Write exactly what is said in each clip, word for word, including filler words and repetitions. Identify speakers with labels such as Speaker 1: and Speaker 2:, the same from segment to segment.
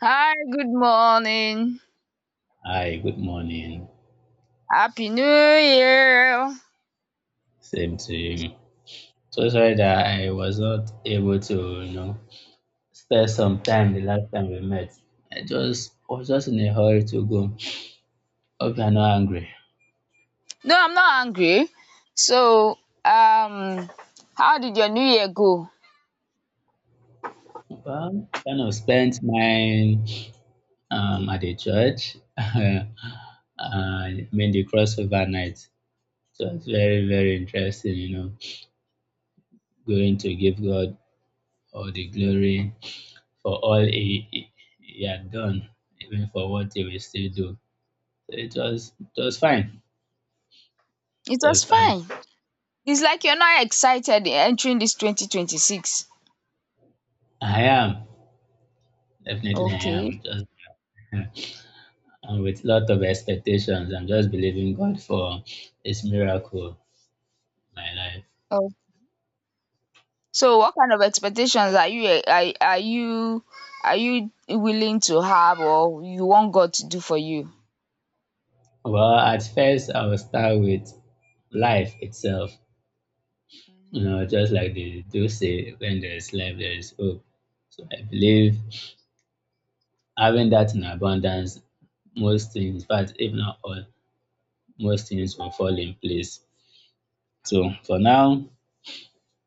Speaker 1: Hi, good morning.
Speaker 2: Hi, good morning.
Speaker 1: Happy New Year.
Speaker 2: Same to you. So sorry that I was not able to, you know, spare some time the last time we met. I just I was just in a hurry to go. Hope you're not angry.
Speaker 1: No, I'm not angry. So, um, how did your new year go?
Speaker 2: Well, kind of spent mine um at the church. uh, I mean the crossover night. So it's very, very interesting, you know, going to give God all the glory for all he, he, he had done, even for what he will still do. it was it was fine.
Speaker 1: It
Speaker 2: It
Speaker 1: was
Speaker 2: was fine.
Speaker 1: fine. It's like you're not excited entering this twenty twenty six.
Speaker 2: I am definitely I
Speaker 1: Okay.
Speaker 2: am just and with lot of expectations. I'm just believing God for His miracle in my life.
Speaker 1: Oh. So, what kind of expectations are you are, are you are you willing to have or you want God to do for you?
Speaker 2: Well, at first I will start with life itself. You
Speaker 1: Mhm.
Speaker 2: know, just like they do say, when there is life, there is hope. So I believe having that in abundance, most things, in fact, if not all, most things will fall in place. So for now,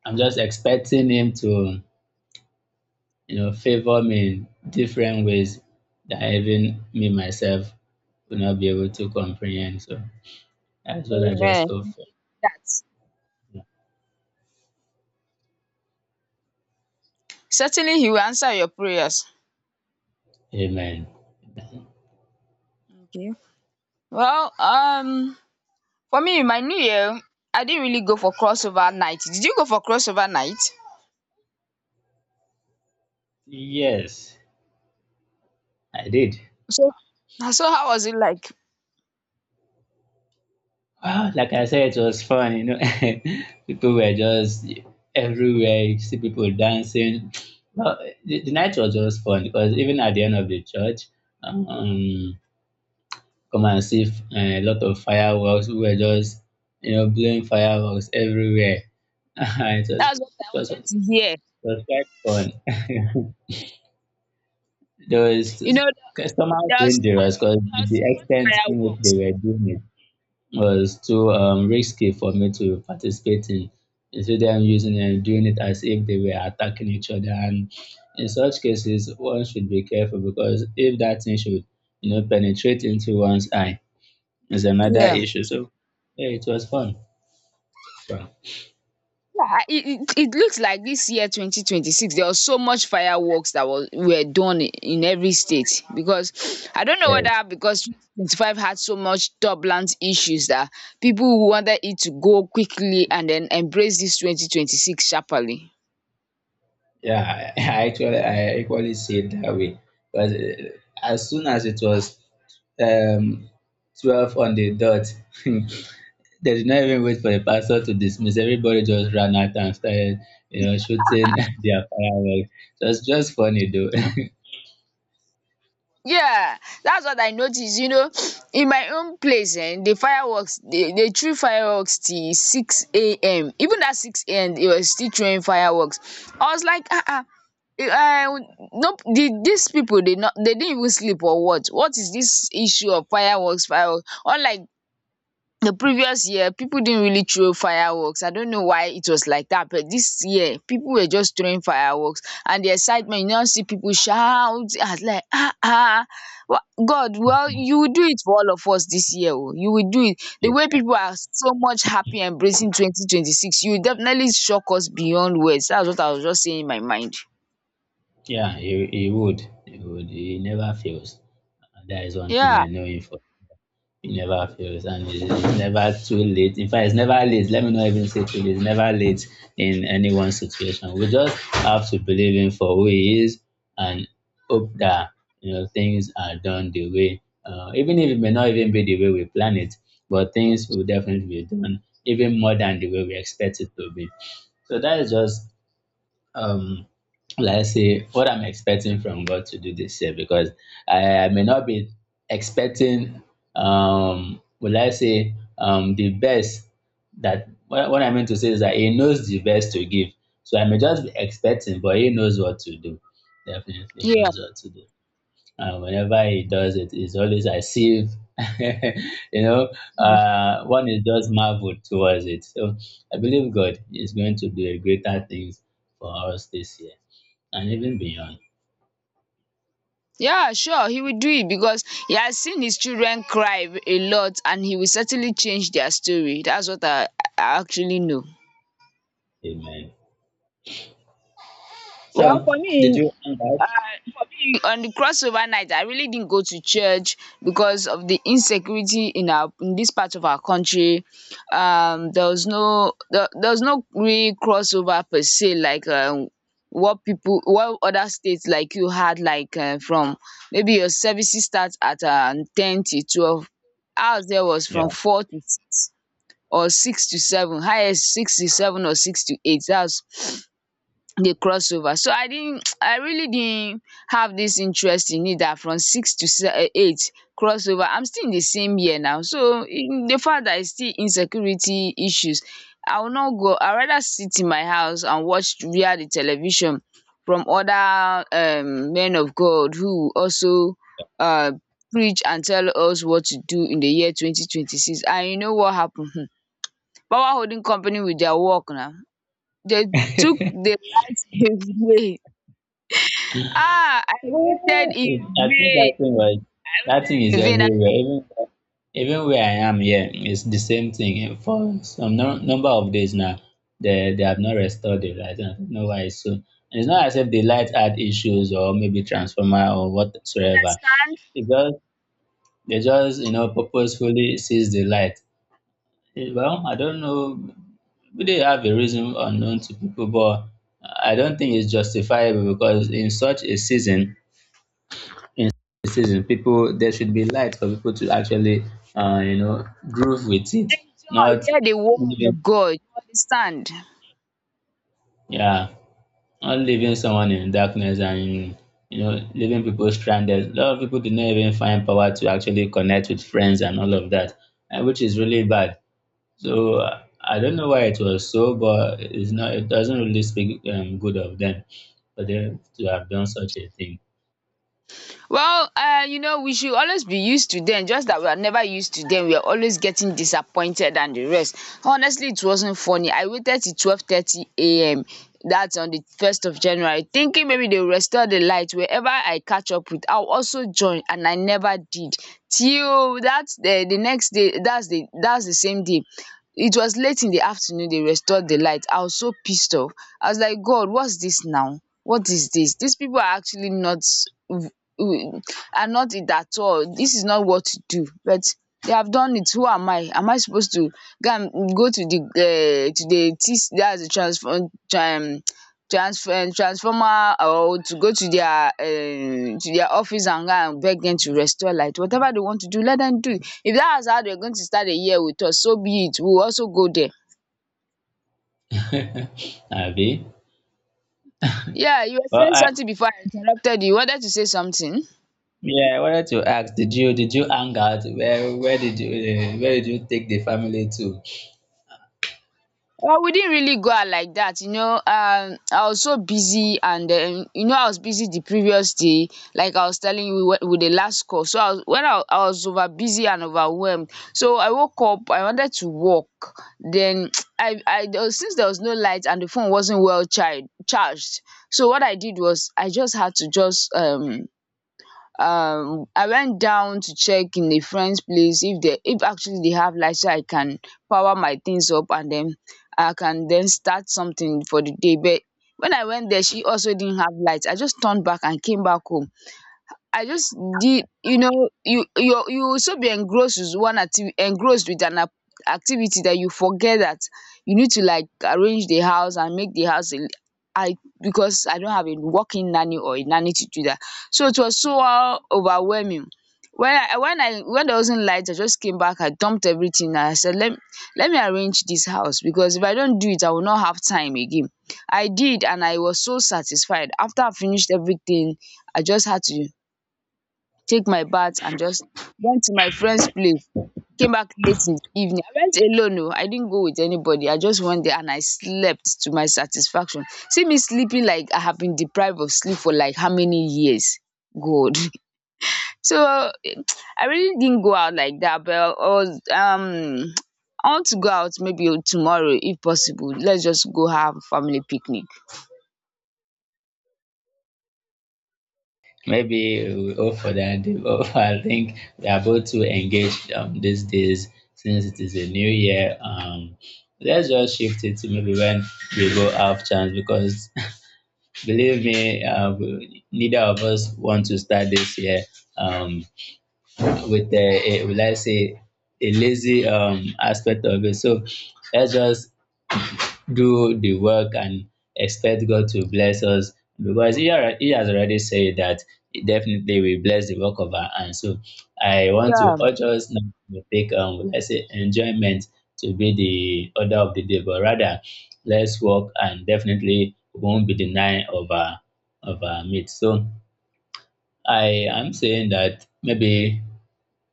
Speaker 2: I'm just expecting Him to, you know, favor me in different ways that even me myself will not be able to comprehend. So that's what I
Speaker 1: Amen.
Speaker 2: just hope for.
Speaker 1: That certainly he will answer your prayers.
Speaker 2: Amen.
Speaker 1: Okay. Well, um for me, my New Year, I didn't really go for crossover night. Did you go for crossover night?
Speaker 2: Yes, I did.
Speaker 1: So, so how was it like?
Speaker 2: Wow, like I said, it was fun, you know. people were just everywhere, you see people dancing. Well, the, the night was just fun because even at the end of the church, um, come and see f- eh, a lot of fireworks. We were just, you know, blowing fireworks everywhere. it was,
Speaker 1: That's
Speaker 2: it
Speaker 1: what I
Speaker 2: was, it
Speaker 1: wanted to hear.
Speaker 2: was quite fun. there was
Speaker 1: You know,
Speaker 2: somehow
Speaker 1: there was so
Speaker 2: dangerous
Speaker 1: much,
Speaker 2: because
Speaker 1: there was
Speaker 2: the
Speaker 1: so much
Speaker 2: extent in which they
Speaker 1: fireworks.
Speaker 2: were doing it was too um, risky for me to participate in. Instead, them using and doing it as if they were attacking each other, and in such cases, one should be careful because if that thing should, you know, penetrate into one's eye, is another
Speaker 1: Yeah.
Speaker 2: issue. So yeah, it was fun. Fun.
Speaker 1: Yeah, I- it, it, it looks like this year twenty twenty six there was so much fireworks that was were done in every state because I don't know
Speaker 2: Yeah,
Speaker 1: whether because twenty 25 had so much turbulent issues that people wanted it to go quickly and then embrace this twenty twenty six sharply.
Speaker 2: yeah. I actually I equally see it that way because uh, as soon as it was um twelve on the dot, they did not even wait for the pastor to dismiss. Everybody just ran out and started, you know, shooting their fireworks. So it's just funny though.
Speaker 1: Yeah, that's what I noticed. You know, in my own place, and the fireworks, they, they threw fireworks till six a m. Even at six a m, they were still throwing fireworks. I was like, ah, ah. Uh, nope, the, these people they not they didn't even sleep or what? What is this issue of fireworks? Fireworks, unlike the previous year people didn't really throw fireworks. I don't know why it was like that, but this year people were just throwing fireworks. And the excitement, you now see people shout as like ah ah. Wha- god, well, you will do it for all of us this year. Oh, you will do it. The way
Speaker 2: yeah,
Speaker 1: people are so much happy embracing twenty twenty six, you will definitely shock us beyond words. That's what I was just saying in my mind.
Speaker 2: yeah. He, he would. He would. He never fails. That is one thing
Speaker 1: Yeah,
Speaker 2: I know him for. You never fails and it- it's never too late. In fact, it's never late. Let me not even say too late. It's never late in anyone's situation. We just have to believe him for who he is and hope that, you know, things are done the way, uh, even if it may not even be the way we plan it, but things will definitely be done even more than the way we expect it to be. So that is just um let's say what I'm expecting from God to do this year because I, I may not be expecting um will I say um the best that what, what I mean to say is that he knows the best to give. So I may just be expecting but he knows what to do. Definitely he
Speaker 1: yeah.
Speaker 2: knows what to do. Uh, whenever he does it, it's always as if, you know, uh, one is just marveled towards it. So I believe God is going to do a greater things for us this year and even beyond.
Speaker 1: Yeah, sure, he will do it because he has seen his children cry a lot and he will certainly change their story. That's what I I actually know.
Speaker 2: Amen.
Speaker 1: Well,
Speaker 2: So,
Speaker 1: for
Speaker 2: did
Speaker 1: me
Speaker 2: you hang out?
Speaker 1: Uh, for me, on the crossover night, I really didn't go to church because of the insecurity in our in this part of our country. Um, there was no there, there was no real crossover per se, like, um, what people, what other states like you had, like uh, from maybe your services start at um, ten to twelve. Ours there was from four to s- or six to seven, highest six to seven or six to eight. That's the crossover, so I didn't I really didn't have this interest in it, that from six to se- eh, eight crossover. I'm still in the same year now, so in the fact that it's still insecurity issues, I will not go. I rather sit in my house and watch via the television from other um men of God who also um preach and tell us what to do in the year twenty twenty six. And you know what happened? Power holding company with their work now. They took the light away. Ah, I waited
Speaker 2: Well,
Speaker 1: in
Speaker 2: it, I think that
Speaker 1: vain.
Speaker 2: thing was
Speaker 1: I
Speaker 2: that thing
Speaker 1: waited
Speaker 2: is
Speaker 1: in vain. I don't
Speaker 2: everywhere. Even even where I am here, it's the same thing. For some no, number of days now, they they have not restored the light. And I don't know why it's so. And it's not as if the light had issues or maybe transformer or whatsoever.
Speaker 1: understand.
Speaker 2: It just they just, you know, purposefully sees the light. Eh, Well, I don't know. Maybe they have a reason unknown to people, but I don't think it's justifiable because in such a season in season. People, there should be light for people to actually, uh, you know, groove with it.
Speaker 1: Joy,
Speaker 2: Not
Speaker 1: hear the word of
Speaker 2: leaving,
Speaker 1: God. You understand?
Speaker 2: yeah, not leaving someone in darkness and, you know, leaving people stranded. A lot of people did not even find power to actually connect with friends and all of that, uh, which is really bad. So uh, I don't know why it was so, but it's not. It doesn't really speak um, good of them for them to have done such a thing.
Speaker 1: Well, uh, you know, we should always be used to them, just that we are never used to them. We are always getting disappointed and the rest. Honestly, it wasn't funny. I waited till twelve thirty a m. That's on the first of January, thinking maybe they will restore the light. Wherever I catch up with, I'll also join, and I never did. Till that's the, the next day, that's the that's the same day. It was late in the afternoon, they restored the light. I was so pissed off. I was like, God, what's this now? What is this? These people are actually not mm, are not it at all. This is not what to do. But they have done it. Who am I? Am I supposed to go and go to the uh, to the T C, that's the transform um, transfer transformer, or to go to their um, to their office and go and beg them to restore light. Whatever they want to do, let them do it. If that is how they're going to start the year with us, so be it. We'll also go there.
Speaker 2: Abi,
Speaker 1: Yeah, you were
Speaker 2: well,
Speaker 1: saying
Speaker 2: I
Speaker 1: something before I interrupted you. You wanted to say something?
Speaker 2: Yeah, I wanted to ask, did you did you hang out? Where where did you uh, where did you take the family to?
Speaker 1: Well, we didn't really go out like that, you know. Um, I was so busy, and um, you know, I was busy the previous day, like I was telling you with, with the last call. So I was, when I, I was over busy and overwhelmed, so I woke up. I wanted to walk. Then I, I there was, since there was no light and the phone wasn't well charged, charged. So what I did was I just had to just um um I went down to check in a friend's place if they if actually they have light, so I can power my things up and then I can then start something for the day. But when I went there, she also didn't have light. I just turned back and came back home. I just did, you know, you you you will so be engrossed with one activity, engrossed with an ac- activity, that you forget that you need to like arrange the house and make the house a, because I don't have a working nanny or a nanny to do that. So it was so uh, overwhelming. When I when I when there wasn't light, I just came back, I dumped everything and I said let let me arrange this house, because if I don't do it, I will not have time again. I did and I was so satisfied. After I finished everything, I just had to take my bath and just went to my friend's place, came back late in the evening. I went alone no. I didn't go with anybody. I just went there and I slept to my satisfaction. See me sleeping like I have been deprived of sleep for like how many years? God. So eh, I really didn't go out like that, but I was um I want to go out maybe tomorrow if possible. Let's just go have a family picnic.
Speaker 2: Maybe we hope for that. But I think we are both too engaged um these days since it is a new year. Um, let's just shift it to maybe when we go have chance because believe me, uh, we- neither of us want to start this year um with a, a will I say a lazy um aspect of it. So let's just do the work and expect God to bless us because he, alre- he has already said that he definitely will bless the work of our hands. So I want
Speaker 1: Yeah.
Speaker 2: to urge us not to take um let's say enjoyment to be the order of the day, but rather let's work and definitely won't be denying of our of our meat. So I am saying that maybe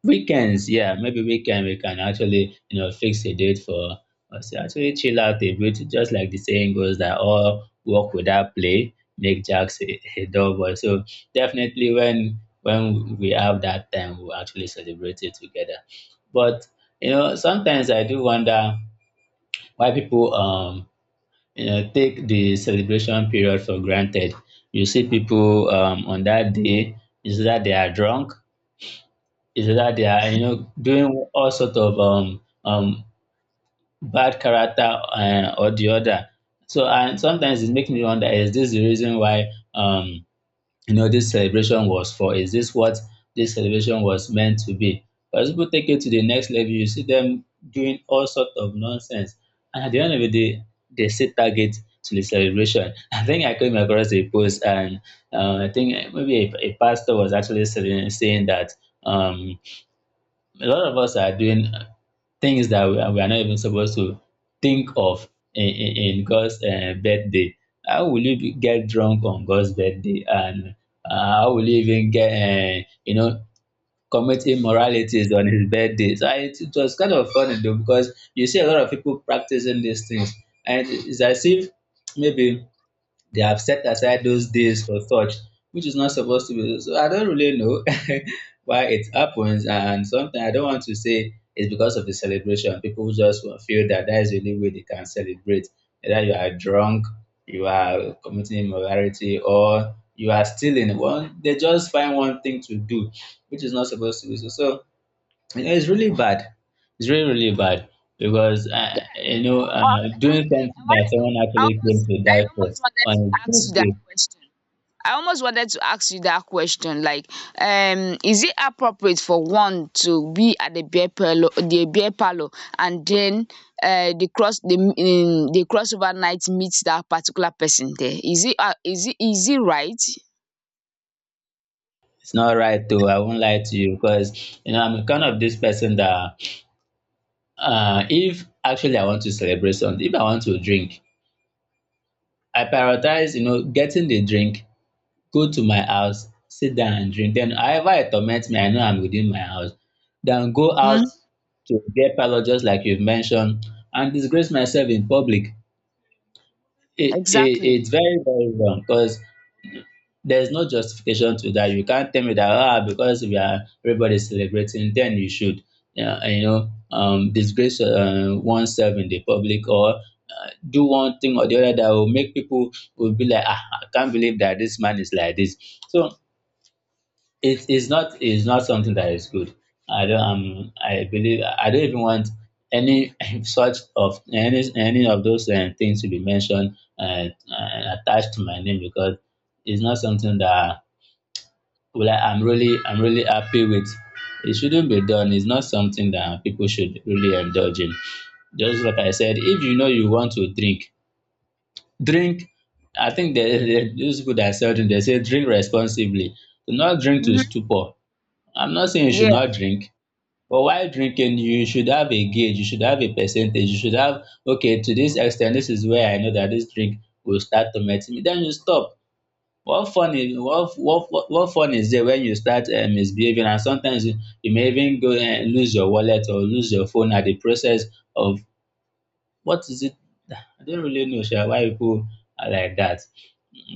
Speaker 2: Weekends, yeah, maybe weekend we can actually, you know, fix a date for us to actually chill out a bit. Just like the saying goes that all work without play make Jacks a, a dull boy. So definitely when when we have that time, we'll actually celebrate it together. But you know, sometimes I do wonder why people um you know take the celebration period for granted. You see people um on that day, is that they are drunk is that they are, you know, doing all sort of um um bad character uh, or the other. So and sometimes it makes me wonder: Is this the reason why um you know this celebration was for? Is this what this celebration was meant to be? But as people take it to the next level, you see them doing all sort of nonsense, and at the end of the day, they set target to the celebration. I think I came across a post, and uh, I think maybe a, a pastor was actually saying saying that um a lot of us are doing things that we are, we are not even supposed to think of in, in, in God's uh, birthday. How will you be, get drunk on God's birthday? And uh, how will you even get, uh, you know, commit immoralities on his birthday? So I, it, was kind of funny though, because you see a lot of people practicing these things. And it's as if maybe they have set aside those days for such, which is not supposed to be. So I don't really know why it happens, and sometimes I don't want to say it's because of the celebration. People just will feel that that is the only way they can celebrate. Either you are drunk, you are committing immorality, or you are stealing. One, they just find one thing to do, which is not supposed to be so. So yeah, it's really bad. It's really, really bad because uh,
Speaker 1: Yeah.
Speaker 2: you know uh,
Speaker 1: I I I, wanted I
Speaker 2: doing
Speaker 1: wanted I
Speaker 2: something that
Speaker 1: wanted
Speaker 2: someone
Speaker 1: I
Speaker 2: actually
Speaker 1: almost
Speaker 2: came to
Speaker 1: I
Speaker 2: die for
Speaker 1: almost wanted to
Speaker 2: on his
Speaker 1: ask you that
Speaker 2: birthday.
Speaker 1: question. I almost wanted to ask you that question. Like, um, is it appropriate for one to be at the beer parlor, the beer parlor, and then uh, the cross the um, the crossover night meets that particular person there? Is it uh, is it is it right?
Speaker 2: It's not right though. I won't lie to you because you know I'm kind of this person that uh, if actually I want to celebrate something, if I want to drink, I prioritize, you know, getting the drink, go to my house, sit down and drink. Then however it torments me, I know I'm within my house. Then go out
Speaker 1: Mhm.
Speaker 2: to get parlor just like you've mentioned and disgrace myself in public it, it
Speaker 1: Exactly.
Speaker 2: it's very very wrong because there's no justification to that. You can't tell me that ah because we are everybody's celebrating then you should yeah you know um disgrace uh, oneself in the public or uh, do one thing or the other that will make people will be like ah I can't believe that this man is like this. So it is not is not something that is good. I don't um I believe I don't even want any such of any any of those uh, things to be mentioned and uh, attached to my name because it's not something that well I, I'm really I'm really happy with. It shouldn't be done. It's not something that people should really indulge in. Just like I said, if you know you want to drink, drink. I think there there- those people that sell drink they say drink responsibly. Do not drink to
Speaker 1: Mhm.
Speaker 2: stupor. I'm not saying you should
Speaker 1: Yeah.
Speaker 2: not drink, but while drinking, you should have a gauge, you should have a percentage, you should have, okay, to this extent, this is where I know that this drink will start tormenting me. Then you stop. What fun is what what what what fun is there when you start um misbehaving and sometimes you, you may even go and lose your wallet or lose your phone at the process of what is it? I don't really know sha why people are like that.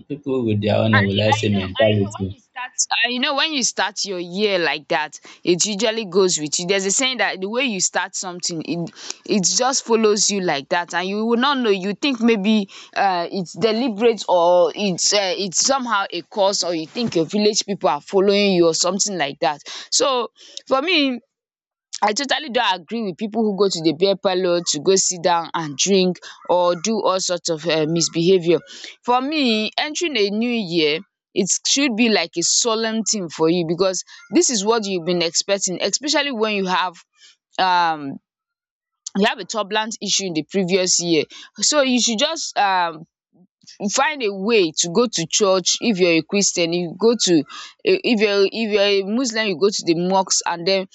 Speaker 2: People with their own, um,
Speaker 1: I,
Speaker 2: will I
Speaker 1: I
Speaker 2: say
Speaker 1: know I know
Speaker 2: mentality.
Speaker 1: when you start I know when you start your year like that, it usually goes with you. There's a saying that the way you start something, it it just follows you like that, and you will not know. You think maybe uh it's deliberate, or it's uh, it's somehow a cause, or you think your village people are following you or something like that. So for me, I totally don't agree with people who go to the beer parlour to go sit down and drink, or do all sorts of um misbehaviour. For me, entering a new year, it should be like a solemn thing for you, because this is what you've been expecting, especially when you have um you have a turbulent issue in the previous year. So you should just um find a way to go to church. If you're a Christian, you go to, if you're if you're a Muslim, you go to the mosque, and then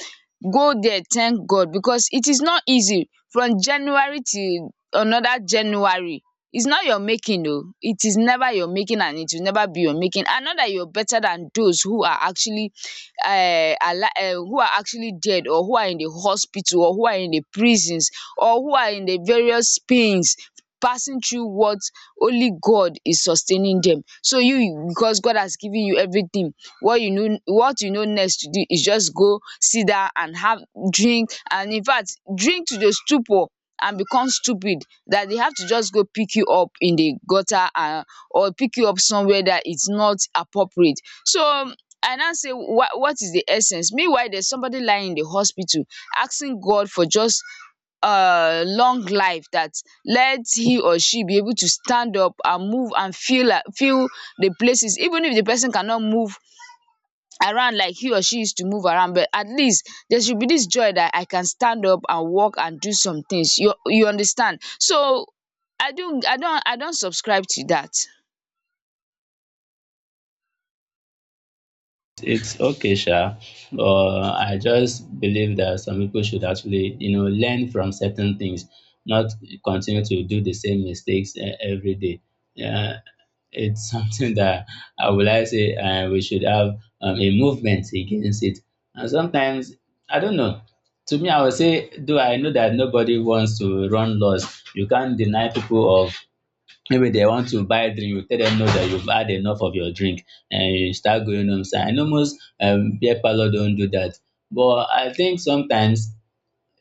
Speaker 1: go there, thank God, because it is not easy from January till another January. It's not your making, though. It is never your making and it will never be your making, and not that you're better than those who are actually um alive, um who are actually dead, or who are in the hospital, or who are in the prisons, or who are in the various pains passing through what only God is sustaining them. So you, because God has given you everything, what you know, what you know next to do is just go sit down and have drink, and in fact drink to the stupor and become stupid, that they have to just go pick you up in the gutter, and or pick you up somewhere that it's not appropriate. So um, I now say, what what is the essence? Meanwhile, there's somebody lying in the hospital asking God for just uh, long life, that lets he or she be able to stand up and move and feel like feel the places. Even if the person cannot move around like he or she used to move around, but at least there should be this joy that I can stand up and walk and do some things, you you understand? So i don't i don't i don't subscribe to that.
Speaker 2: It's okay, sha. Uh, I just believe that some people should actually, you know, learn from certain things, not continue to do the same mistakes uh, every day. Yeah, it's something that I would like to say uh, we should have um, a movement against it. And sometimes, I don't know. To me, I would say, though I know that nobody wants to run laws, you can't deny people of maybe they want to buy drink, you tell them no that you've had enough of your drink and you start going home sha. And almost um beer parlour don't do that. But I think sometimes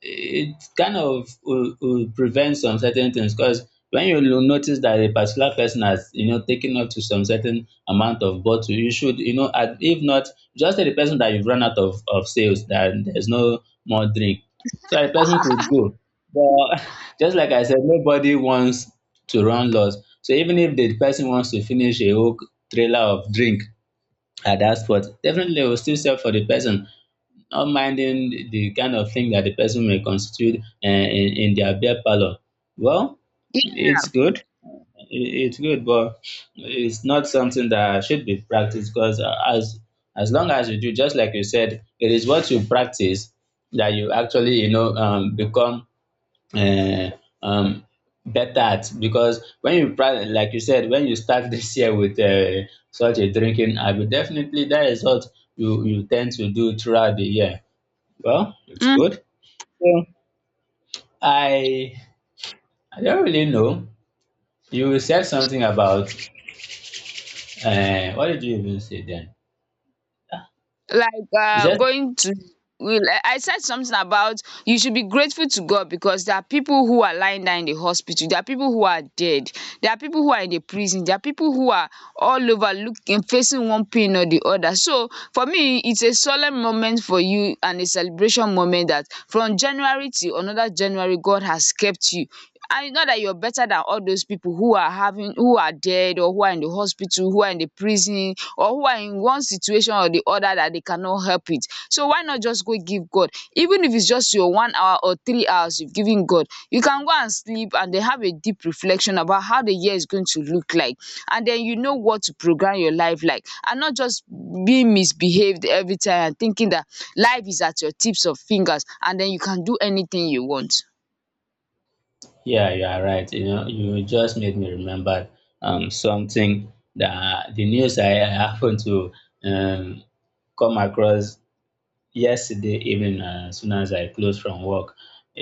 Speaker 2: it kind of will will prevent some certain things because when you will notice that a particular person has you know taken up to some certain amount of bottle you should you know at if not just tell the person that you've run out of of sales that there's no more drink so that the person could go, but just like I said nobody wants to run loss, so even if the person wants to finish a whole trailer of drink at that spot definitely they will still sell for the person not minding the kind of thing that the person may constitute uh, in, in their beer parlor. Well, it's good. It- It's good, but it's not something that should be practiced because as as long as you do, just like you said, it is what you practice that you actually you know um, become uh, um, better at. Because when you practice, like you said, when you start this year with uh, such a drinking habit, definitely that is what you you tend to do throughout the year. Well, it's
Speaker 1: Yeah.
Speaker 2: good. Yeah. I I don't really know. You said something about uh, what did you even say then?
Speaker 1: like
Speaker 2: You
Speaker 1: uh,
Speaker 2: said
Speaker 1: going to we- like, I said something about you should be grateful to God because there are people who are lying down in the hospital, there are people who are dead, there are people who are in the prison, there are people who are all over looking facing one pain or the other. So for me, it's a solemn moment for you and a celebration moment that from January to another January, God has kept you. And it's not that you're better than all those people who are having who are dead or who are in the hospital, who are in the prison or who are in one situation or the other that they cannot help it. So why not just go give God? Even if it's just your one hour or three hours you've given God, you can go and sleep and then have a deep reflection about how the year is going to look like. And then you know what to program your life like and not just being misbehaved every time and thinking that life is at your tips of fingers and then you can do anything you want.
Speaker 2: yeah, you are right. You know, you just made me remember um something that the news I, I happened to um come across yesterday evening uh, as soon as I closed from work.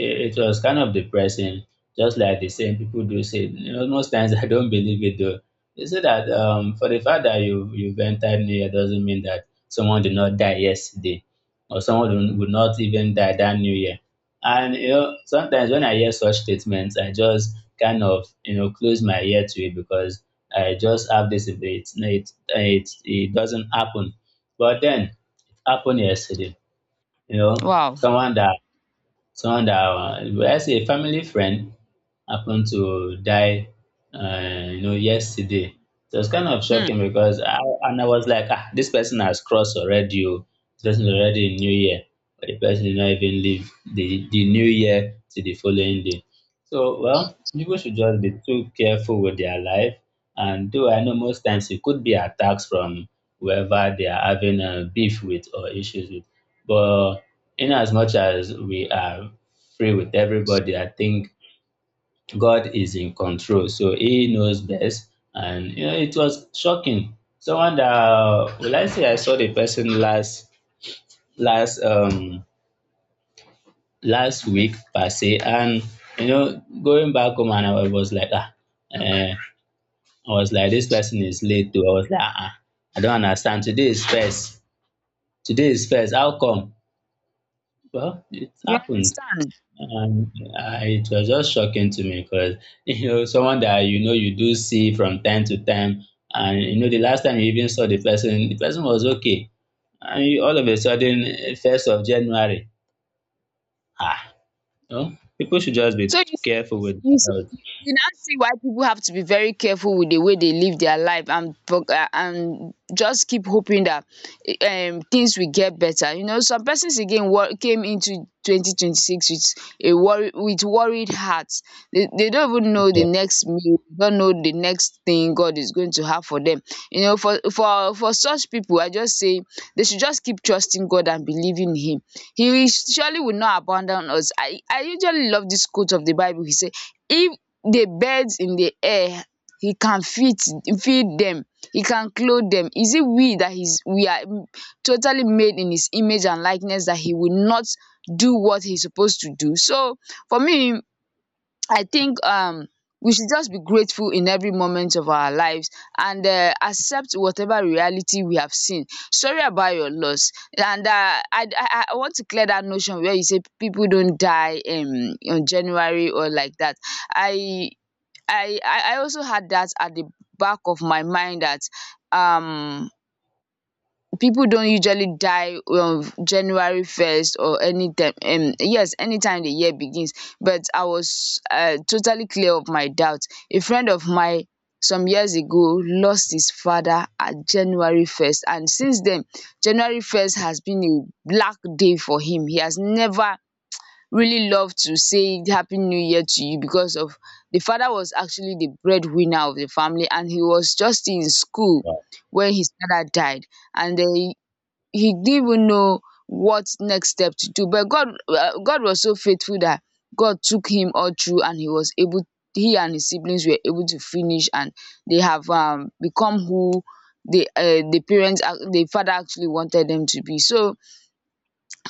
Speaker 2: It, it was kind of depressing, just like the same people do say. You know, most times I don't believe it though. They say that um, for the fact that you, you've entered New Year doesn't mean that someone did not die yesterday or someone would would not even die that New Year. And you know, sometimes when I hear such statements, I just kind of you know close my ear to it because I just have this. It it it, it doesn't happen. But then it happened yesterday, you know,
Speaker 1: Wow.
Speaker 2: someone that someone that uh, let's say a family friend happened to die, uh, you know, yesterday. So it's kind of
Speaker 1: Hmm.
Speaker 2: shocking because I and I was like, ah, this person has crossed already. Oh. This person is already in New Year, but the person did not even live the the New Year to the following day. So well, people should just be too careful with their life. And though I know most times it could be attacks from whoever they are having a beef with or issues with, but in as much as we are free with everybody, I think God is in control, so He knows best. And you know, it was shocking. Someone that uh, well, I say I saw the person last last um last week per se, and you know, going back home and I was like ah, eh, I was like this person is late too. I was like ah, I don't understand. Today is first. Today is first. How come? Well, it
Speaker 1: You
Speaker 2: happened.
Speaker 1: understand?
Speaker 2: Um, uh, it was just shocking to me because you know someone that you know you do see from time to time, and you know the last time you even saw the person, the person was okay, and you, all of a sudden, eh, first of January, ah, you know, people should just be
Speaker 1: So you see,
Speaker 2: careful
Speaker 1: you see,
Speaker 2: with
Speaker 1: you
Speaker 2: their health.
Speaker 1: see, you now see why people have to be very careful with the way they live their life and pro- uh, and just keep hoping that eh, um things will get better. You know, some persons again wor- came into twenty twenty six with a worry with worried heart heart they, they don't even know the
Speaker 2: Yeah.
Speaker 1: next meal, don't know the next thing God is going to have for them. You know, for for for such people I just say they should just keep trusting God and believing Him. He surely will not abandon us. I i usually love this quote of the Bible. He said, if the birds in the air He can feed feed them, He can clothe them, is it we that is we are totally made in His image and likeness that He will not do what He's supposed to do? So for me, I think um we should just be grateful in every moment of our lives, and uh, accept whatever reality we have seen. Sorry about your loss. And uh, I, I I want to clear that notion where you say people don't die um, on January or like that. I I I I also had that at the back of my mind that um people don't usually die on January first or anytime, um yes, anytime the year begins. But I was um totally clear of my doubt. A friend of mine some years ago lost his father at January first, and since then January first has been a black day for him. He has never really loved to say happy new year to you because of, the father was actually the breadwinner of the family and he was just in school when his father died. And then he didn't even know what next step to do, but god uh, god was so faithful that God took him all through, and he was able he and his siblings were able to finish, and they have um, become who the uh, the parents ac- the father actually wanted them to be. So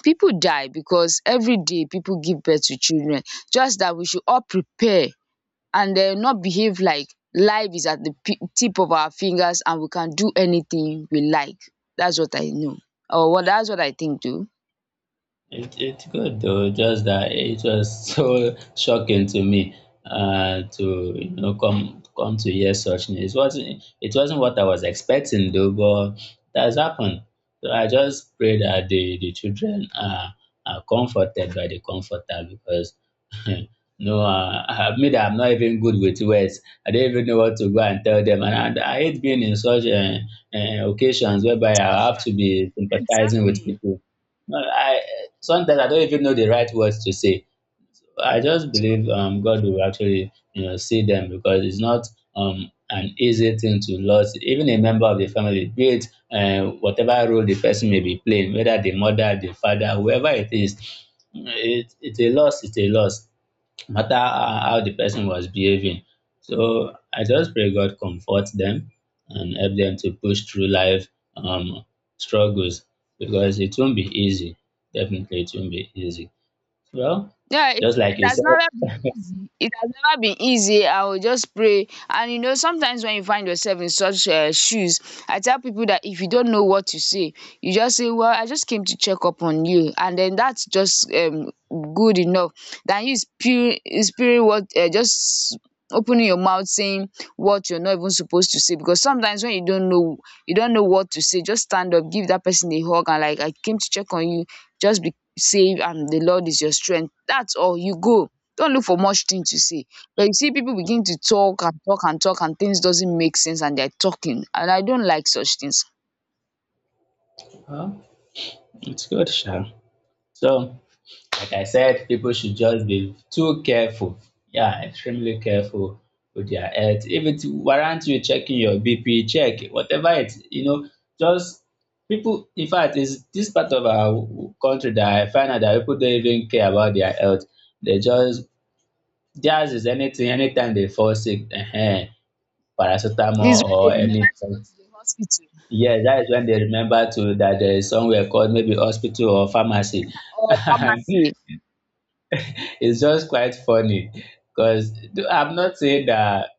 Speaker 1: people die because every day people give birth to children. Just that we should all prepare and um not behave like life is at the p- tip of our fingers and we can do anything we like. That's what I know, or what that's what I think too.
Speaker 2: It it's good though, just that it was so shocking to me uh to you know come come to hear such news. It wasn't it wasn't what I was expecting though, but that has happened. So I just pray that the, the children are are comforted by the comforter because no uh, I mean that I'm not even good with words. I don't even know what to go and tell them and I, I hate being in such uh, uh, occasions whereby I have to be sympathizing with people. No, I sometimes I don't even know the right words to say. I just believe um, God will actually you know see them because it's not um, an easy thing to lose even a member of the family, be it uh, whatever role the person may be playing, whether the mother, the father, whoever it is. It, it's a loss. It's a loss matter how how the person was behaving. So I just pray God comfort them and help them to push through life um, struggles because it won't be easy. Definitely, it won't be easy. Well,
Speaker 1: Yeah, it
Speaker 2: just like
Speaker 1: it
Speaker 2: you
Speaker 1: has
Speaker 2: said,
Speaker 1: never It has never been easy. I will just pray. And you know, sometimes when you find yourself in such um shoes, I tell people that if you don't know what to say, you just say, "Well, I just came to check up on you." And then that's just um good enough than you spirit, spirit, what um just opening your mouth saying what you're not even supposed to say. Because sometimes when you don't know you don't know what to say, just stand up, give that person a hug and like, I came to check on you, just be safe and the Lord is your strength. That's all. You go, don't look for much thing to say. But you see, people begin to talk and talk and talk, and things doesn't make sense, and they're talking. And I don't like such things.
Speaker 2: well, it's good, Sha. So like I said, people should just be too careful. Yeah, extremely careful with their health. If it warrants you checking your B P, check whatever it, you know, just people, in fact, it's this part of our w- country that I find out that people don't even care about their health. They just, theirs is anything, anytime they fall sick, uh
Speaker 1: It's
Speaker 2: paracetamol
Speaker 1: when
Speaker 2: or
Speaker 1: they remember to go
Speaker 2: anything.
Speaker 1: to the hospital
Speaker 2: Yeah, that is when they remember to that there is somewhere called maybe hospital or pharmacy.
Speaker 1: or pharmacy.
Speaker 2: It's just quite funny because I'm not saying that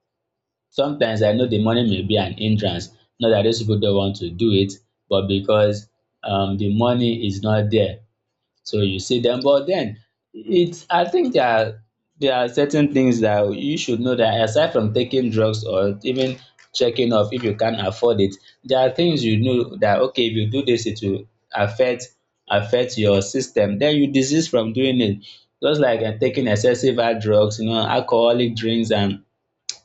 Speaker 2: sometimes I know the money may be an hindrance, not that those people don't want to do it, but because um, the money is not there. So you see them, but then it's I think there are there are certain things that you should know that aside from taking drugs or even checking off if you can afford it, there are things you know that okay if you do this it will affect affect your system. Then you desist from doing it. Just like uh, taking excessive hard drugs, you know, alcoholic drinks and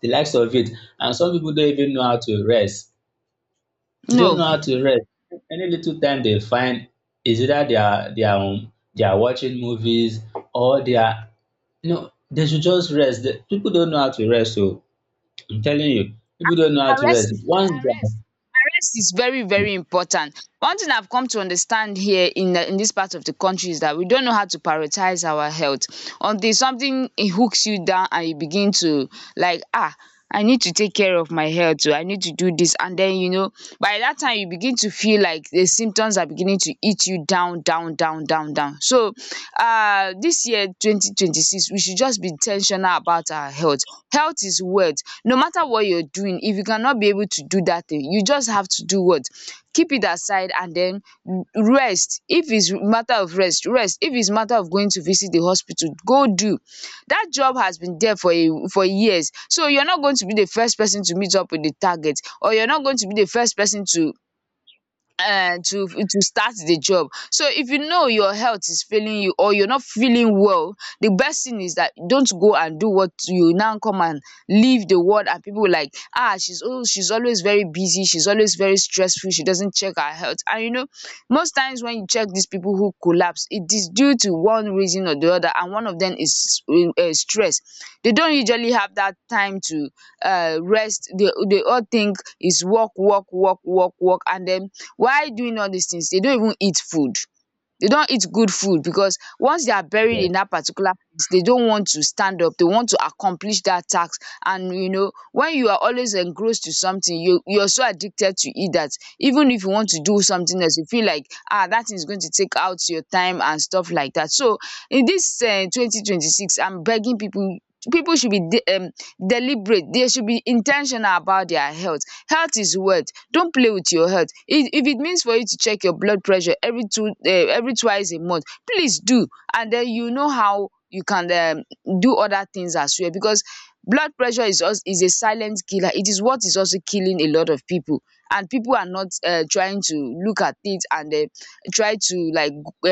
Speaker 2: the likes of it. And some people don't even know how to rest, they don't
Speaker 1: No.
Speaker 2: know how to rest. Any little time they find is either they are they are on they are watching movies or they are you know, they should just rest. The people don't know how to rest. So I'm telling you, people don't know how to
Speaker 1: arrest
Speaker 2: rest. Once they
Speaker 1: arrest arrest is very very important. One thing I've come to understand here in the, in this part of the country is that we don't know how to prioritize our health until something it hooks you down and you begin to like, ah, I need to take care of my health. Oh, I need to do this. And then you know, by that time you begin to feel like the symptoms are beginning to eat you down, down, down, down, down. So um this year twenty twenty 2026, we should just be intentional about our health. Health is wealth. No matter what you're doing, if you cannot be able to do that thing, you just have to do what? Keep it aside and then rest. If it's matter of rest, rest. If it's matter of going to visit the hospital, go do. That job has been there for a for years. So you're not going to be the first person to meet up with the target, or you're not going to be the first person to um to to start the job. So if you know your health is failing you or you're not feeling well, the best thing is that don't go and do what you now come and leave the world and people like, ah, she's oh she's always very busy, she's always very stressful, she doesn't check her health. And you know, most times when you check these people who collapse, it is due to one reason or the other, and one of them is uh, stress. They don't usually have that time to uh, rest. They, they all think is work work work work work, and then while doing all these things, they don't even eat food. They don't eat good food because once they are buried
Speaker 2: are
Speaker 1: in that particular place, they don't want to stand up. They want to accomplish that task. And you know, when you are always engrossed to something, you you're so addicted to it that even if you want to do something else, you feel like ah, that thing is going to take out your time and stuff like that. So in this um twenty twenty six, I'm begging people. People should be de- um, deliberate. They should be intentional about their health. Health is wealth. Don't play with your health. If, if it means for you to check your blood pressure every two uh, every twice a month, please do, and then you know how you can um, do other things as well. Because blood pressure is also, is a silent killer. It is what is also killing a lot of people, and people are not uh, trying to look at it and uh, try to like, um,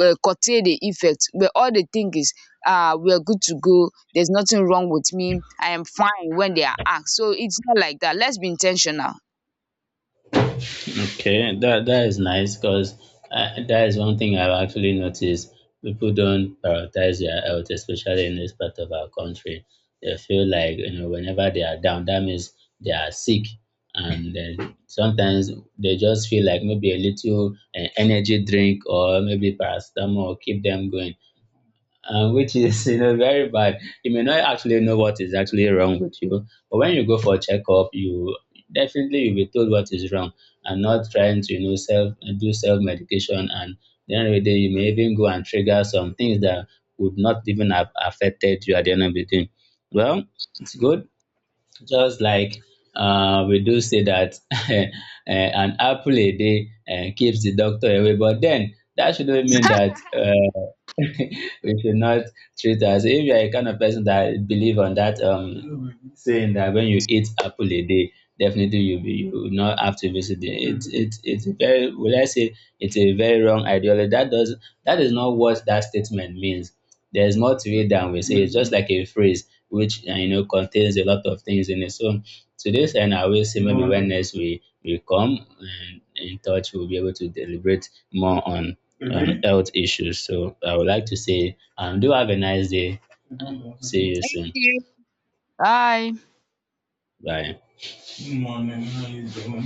Speaker 1: um curtail the effect. Where all they think is, ah, we are good to go, there's nothing wrong with me, I am fine, when they are asked. So it's not like that. Let's be intentional.
Speaker 2: okay, that that is nice because that is one thing I've actually noticed. People don't prioritize their health, especially in this part of our country. They feel like you know whenever they are down, that means they are sick, and then sometimes they just feel like maybe a little uh, energy drink or maybe paracetamol will keep them going uh, which is you know very bad. You may not actually know what is actually wrong with you, but when you go for a checkup, you definitely you'll be told what is wrong and not trying to you know self do self medication and the end of the day you may even go and trigger some things that would not even have affected you at the end of the day. Well, it's good just like uh, we do say that eh, an apple a day eh, keeps the doctor away, but then that shouldn't mean that uh, we should not treat us. If you are a kind of person that believe on that um, saying that when you eat apple a day, definitely you be, you will not have to visit the it, it it's a very will I say it's a very wrong ideology. That does that is not what that statement means. There's more to it than we say. It's just like a phrase which uh, you know contains a lot of things in it. So to this end, I will say maybe when next we we come and in touch, we'll be able to deliberate more on um, Mhm. Health issues. So I would like to say, um, do have a nice day. See you
Speaker 1: Thank
Speaker 2: soon.
Speaker 1: you. Bye.
Speaker 2: Bye. Morning. How you doing?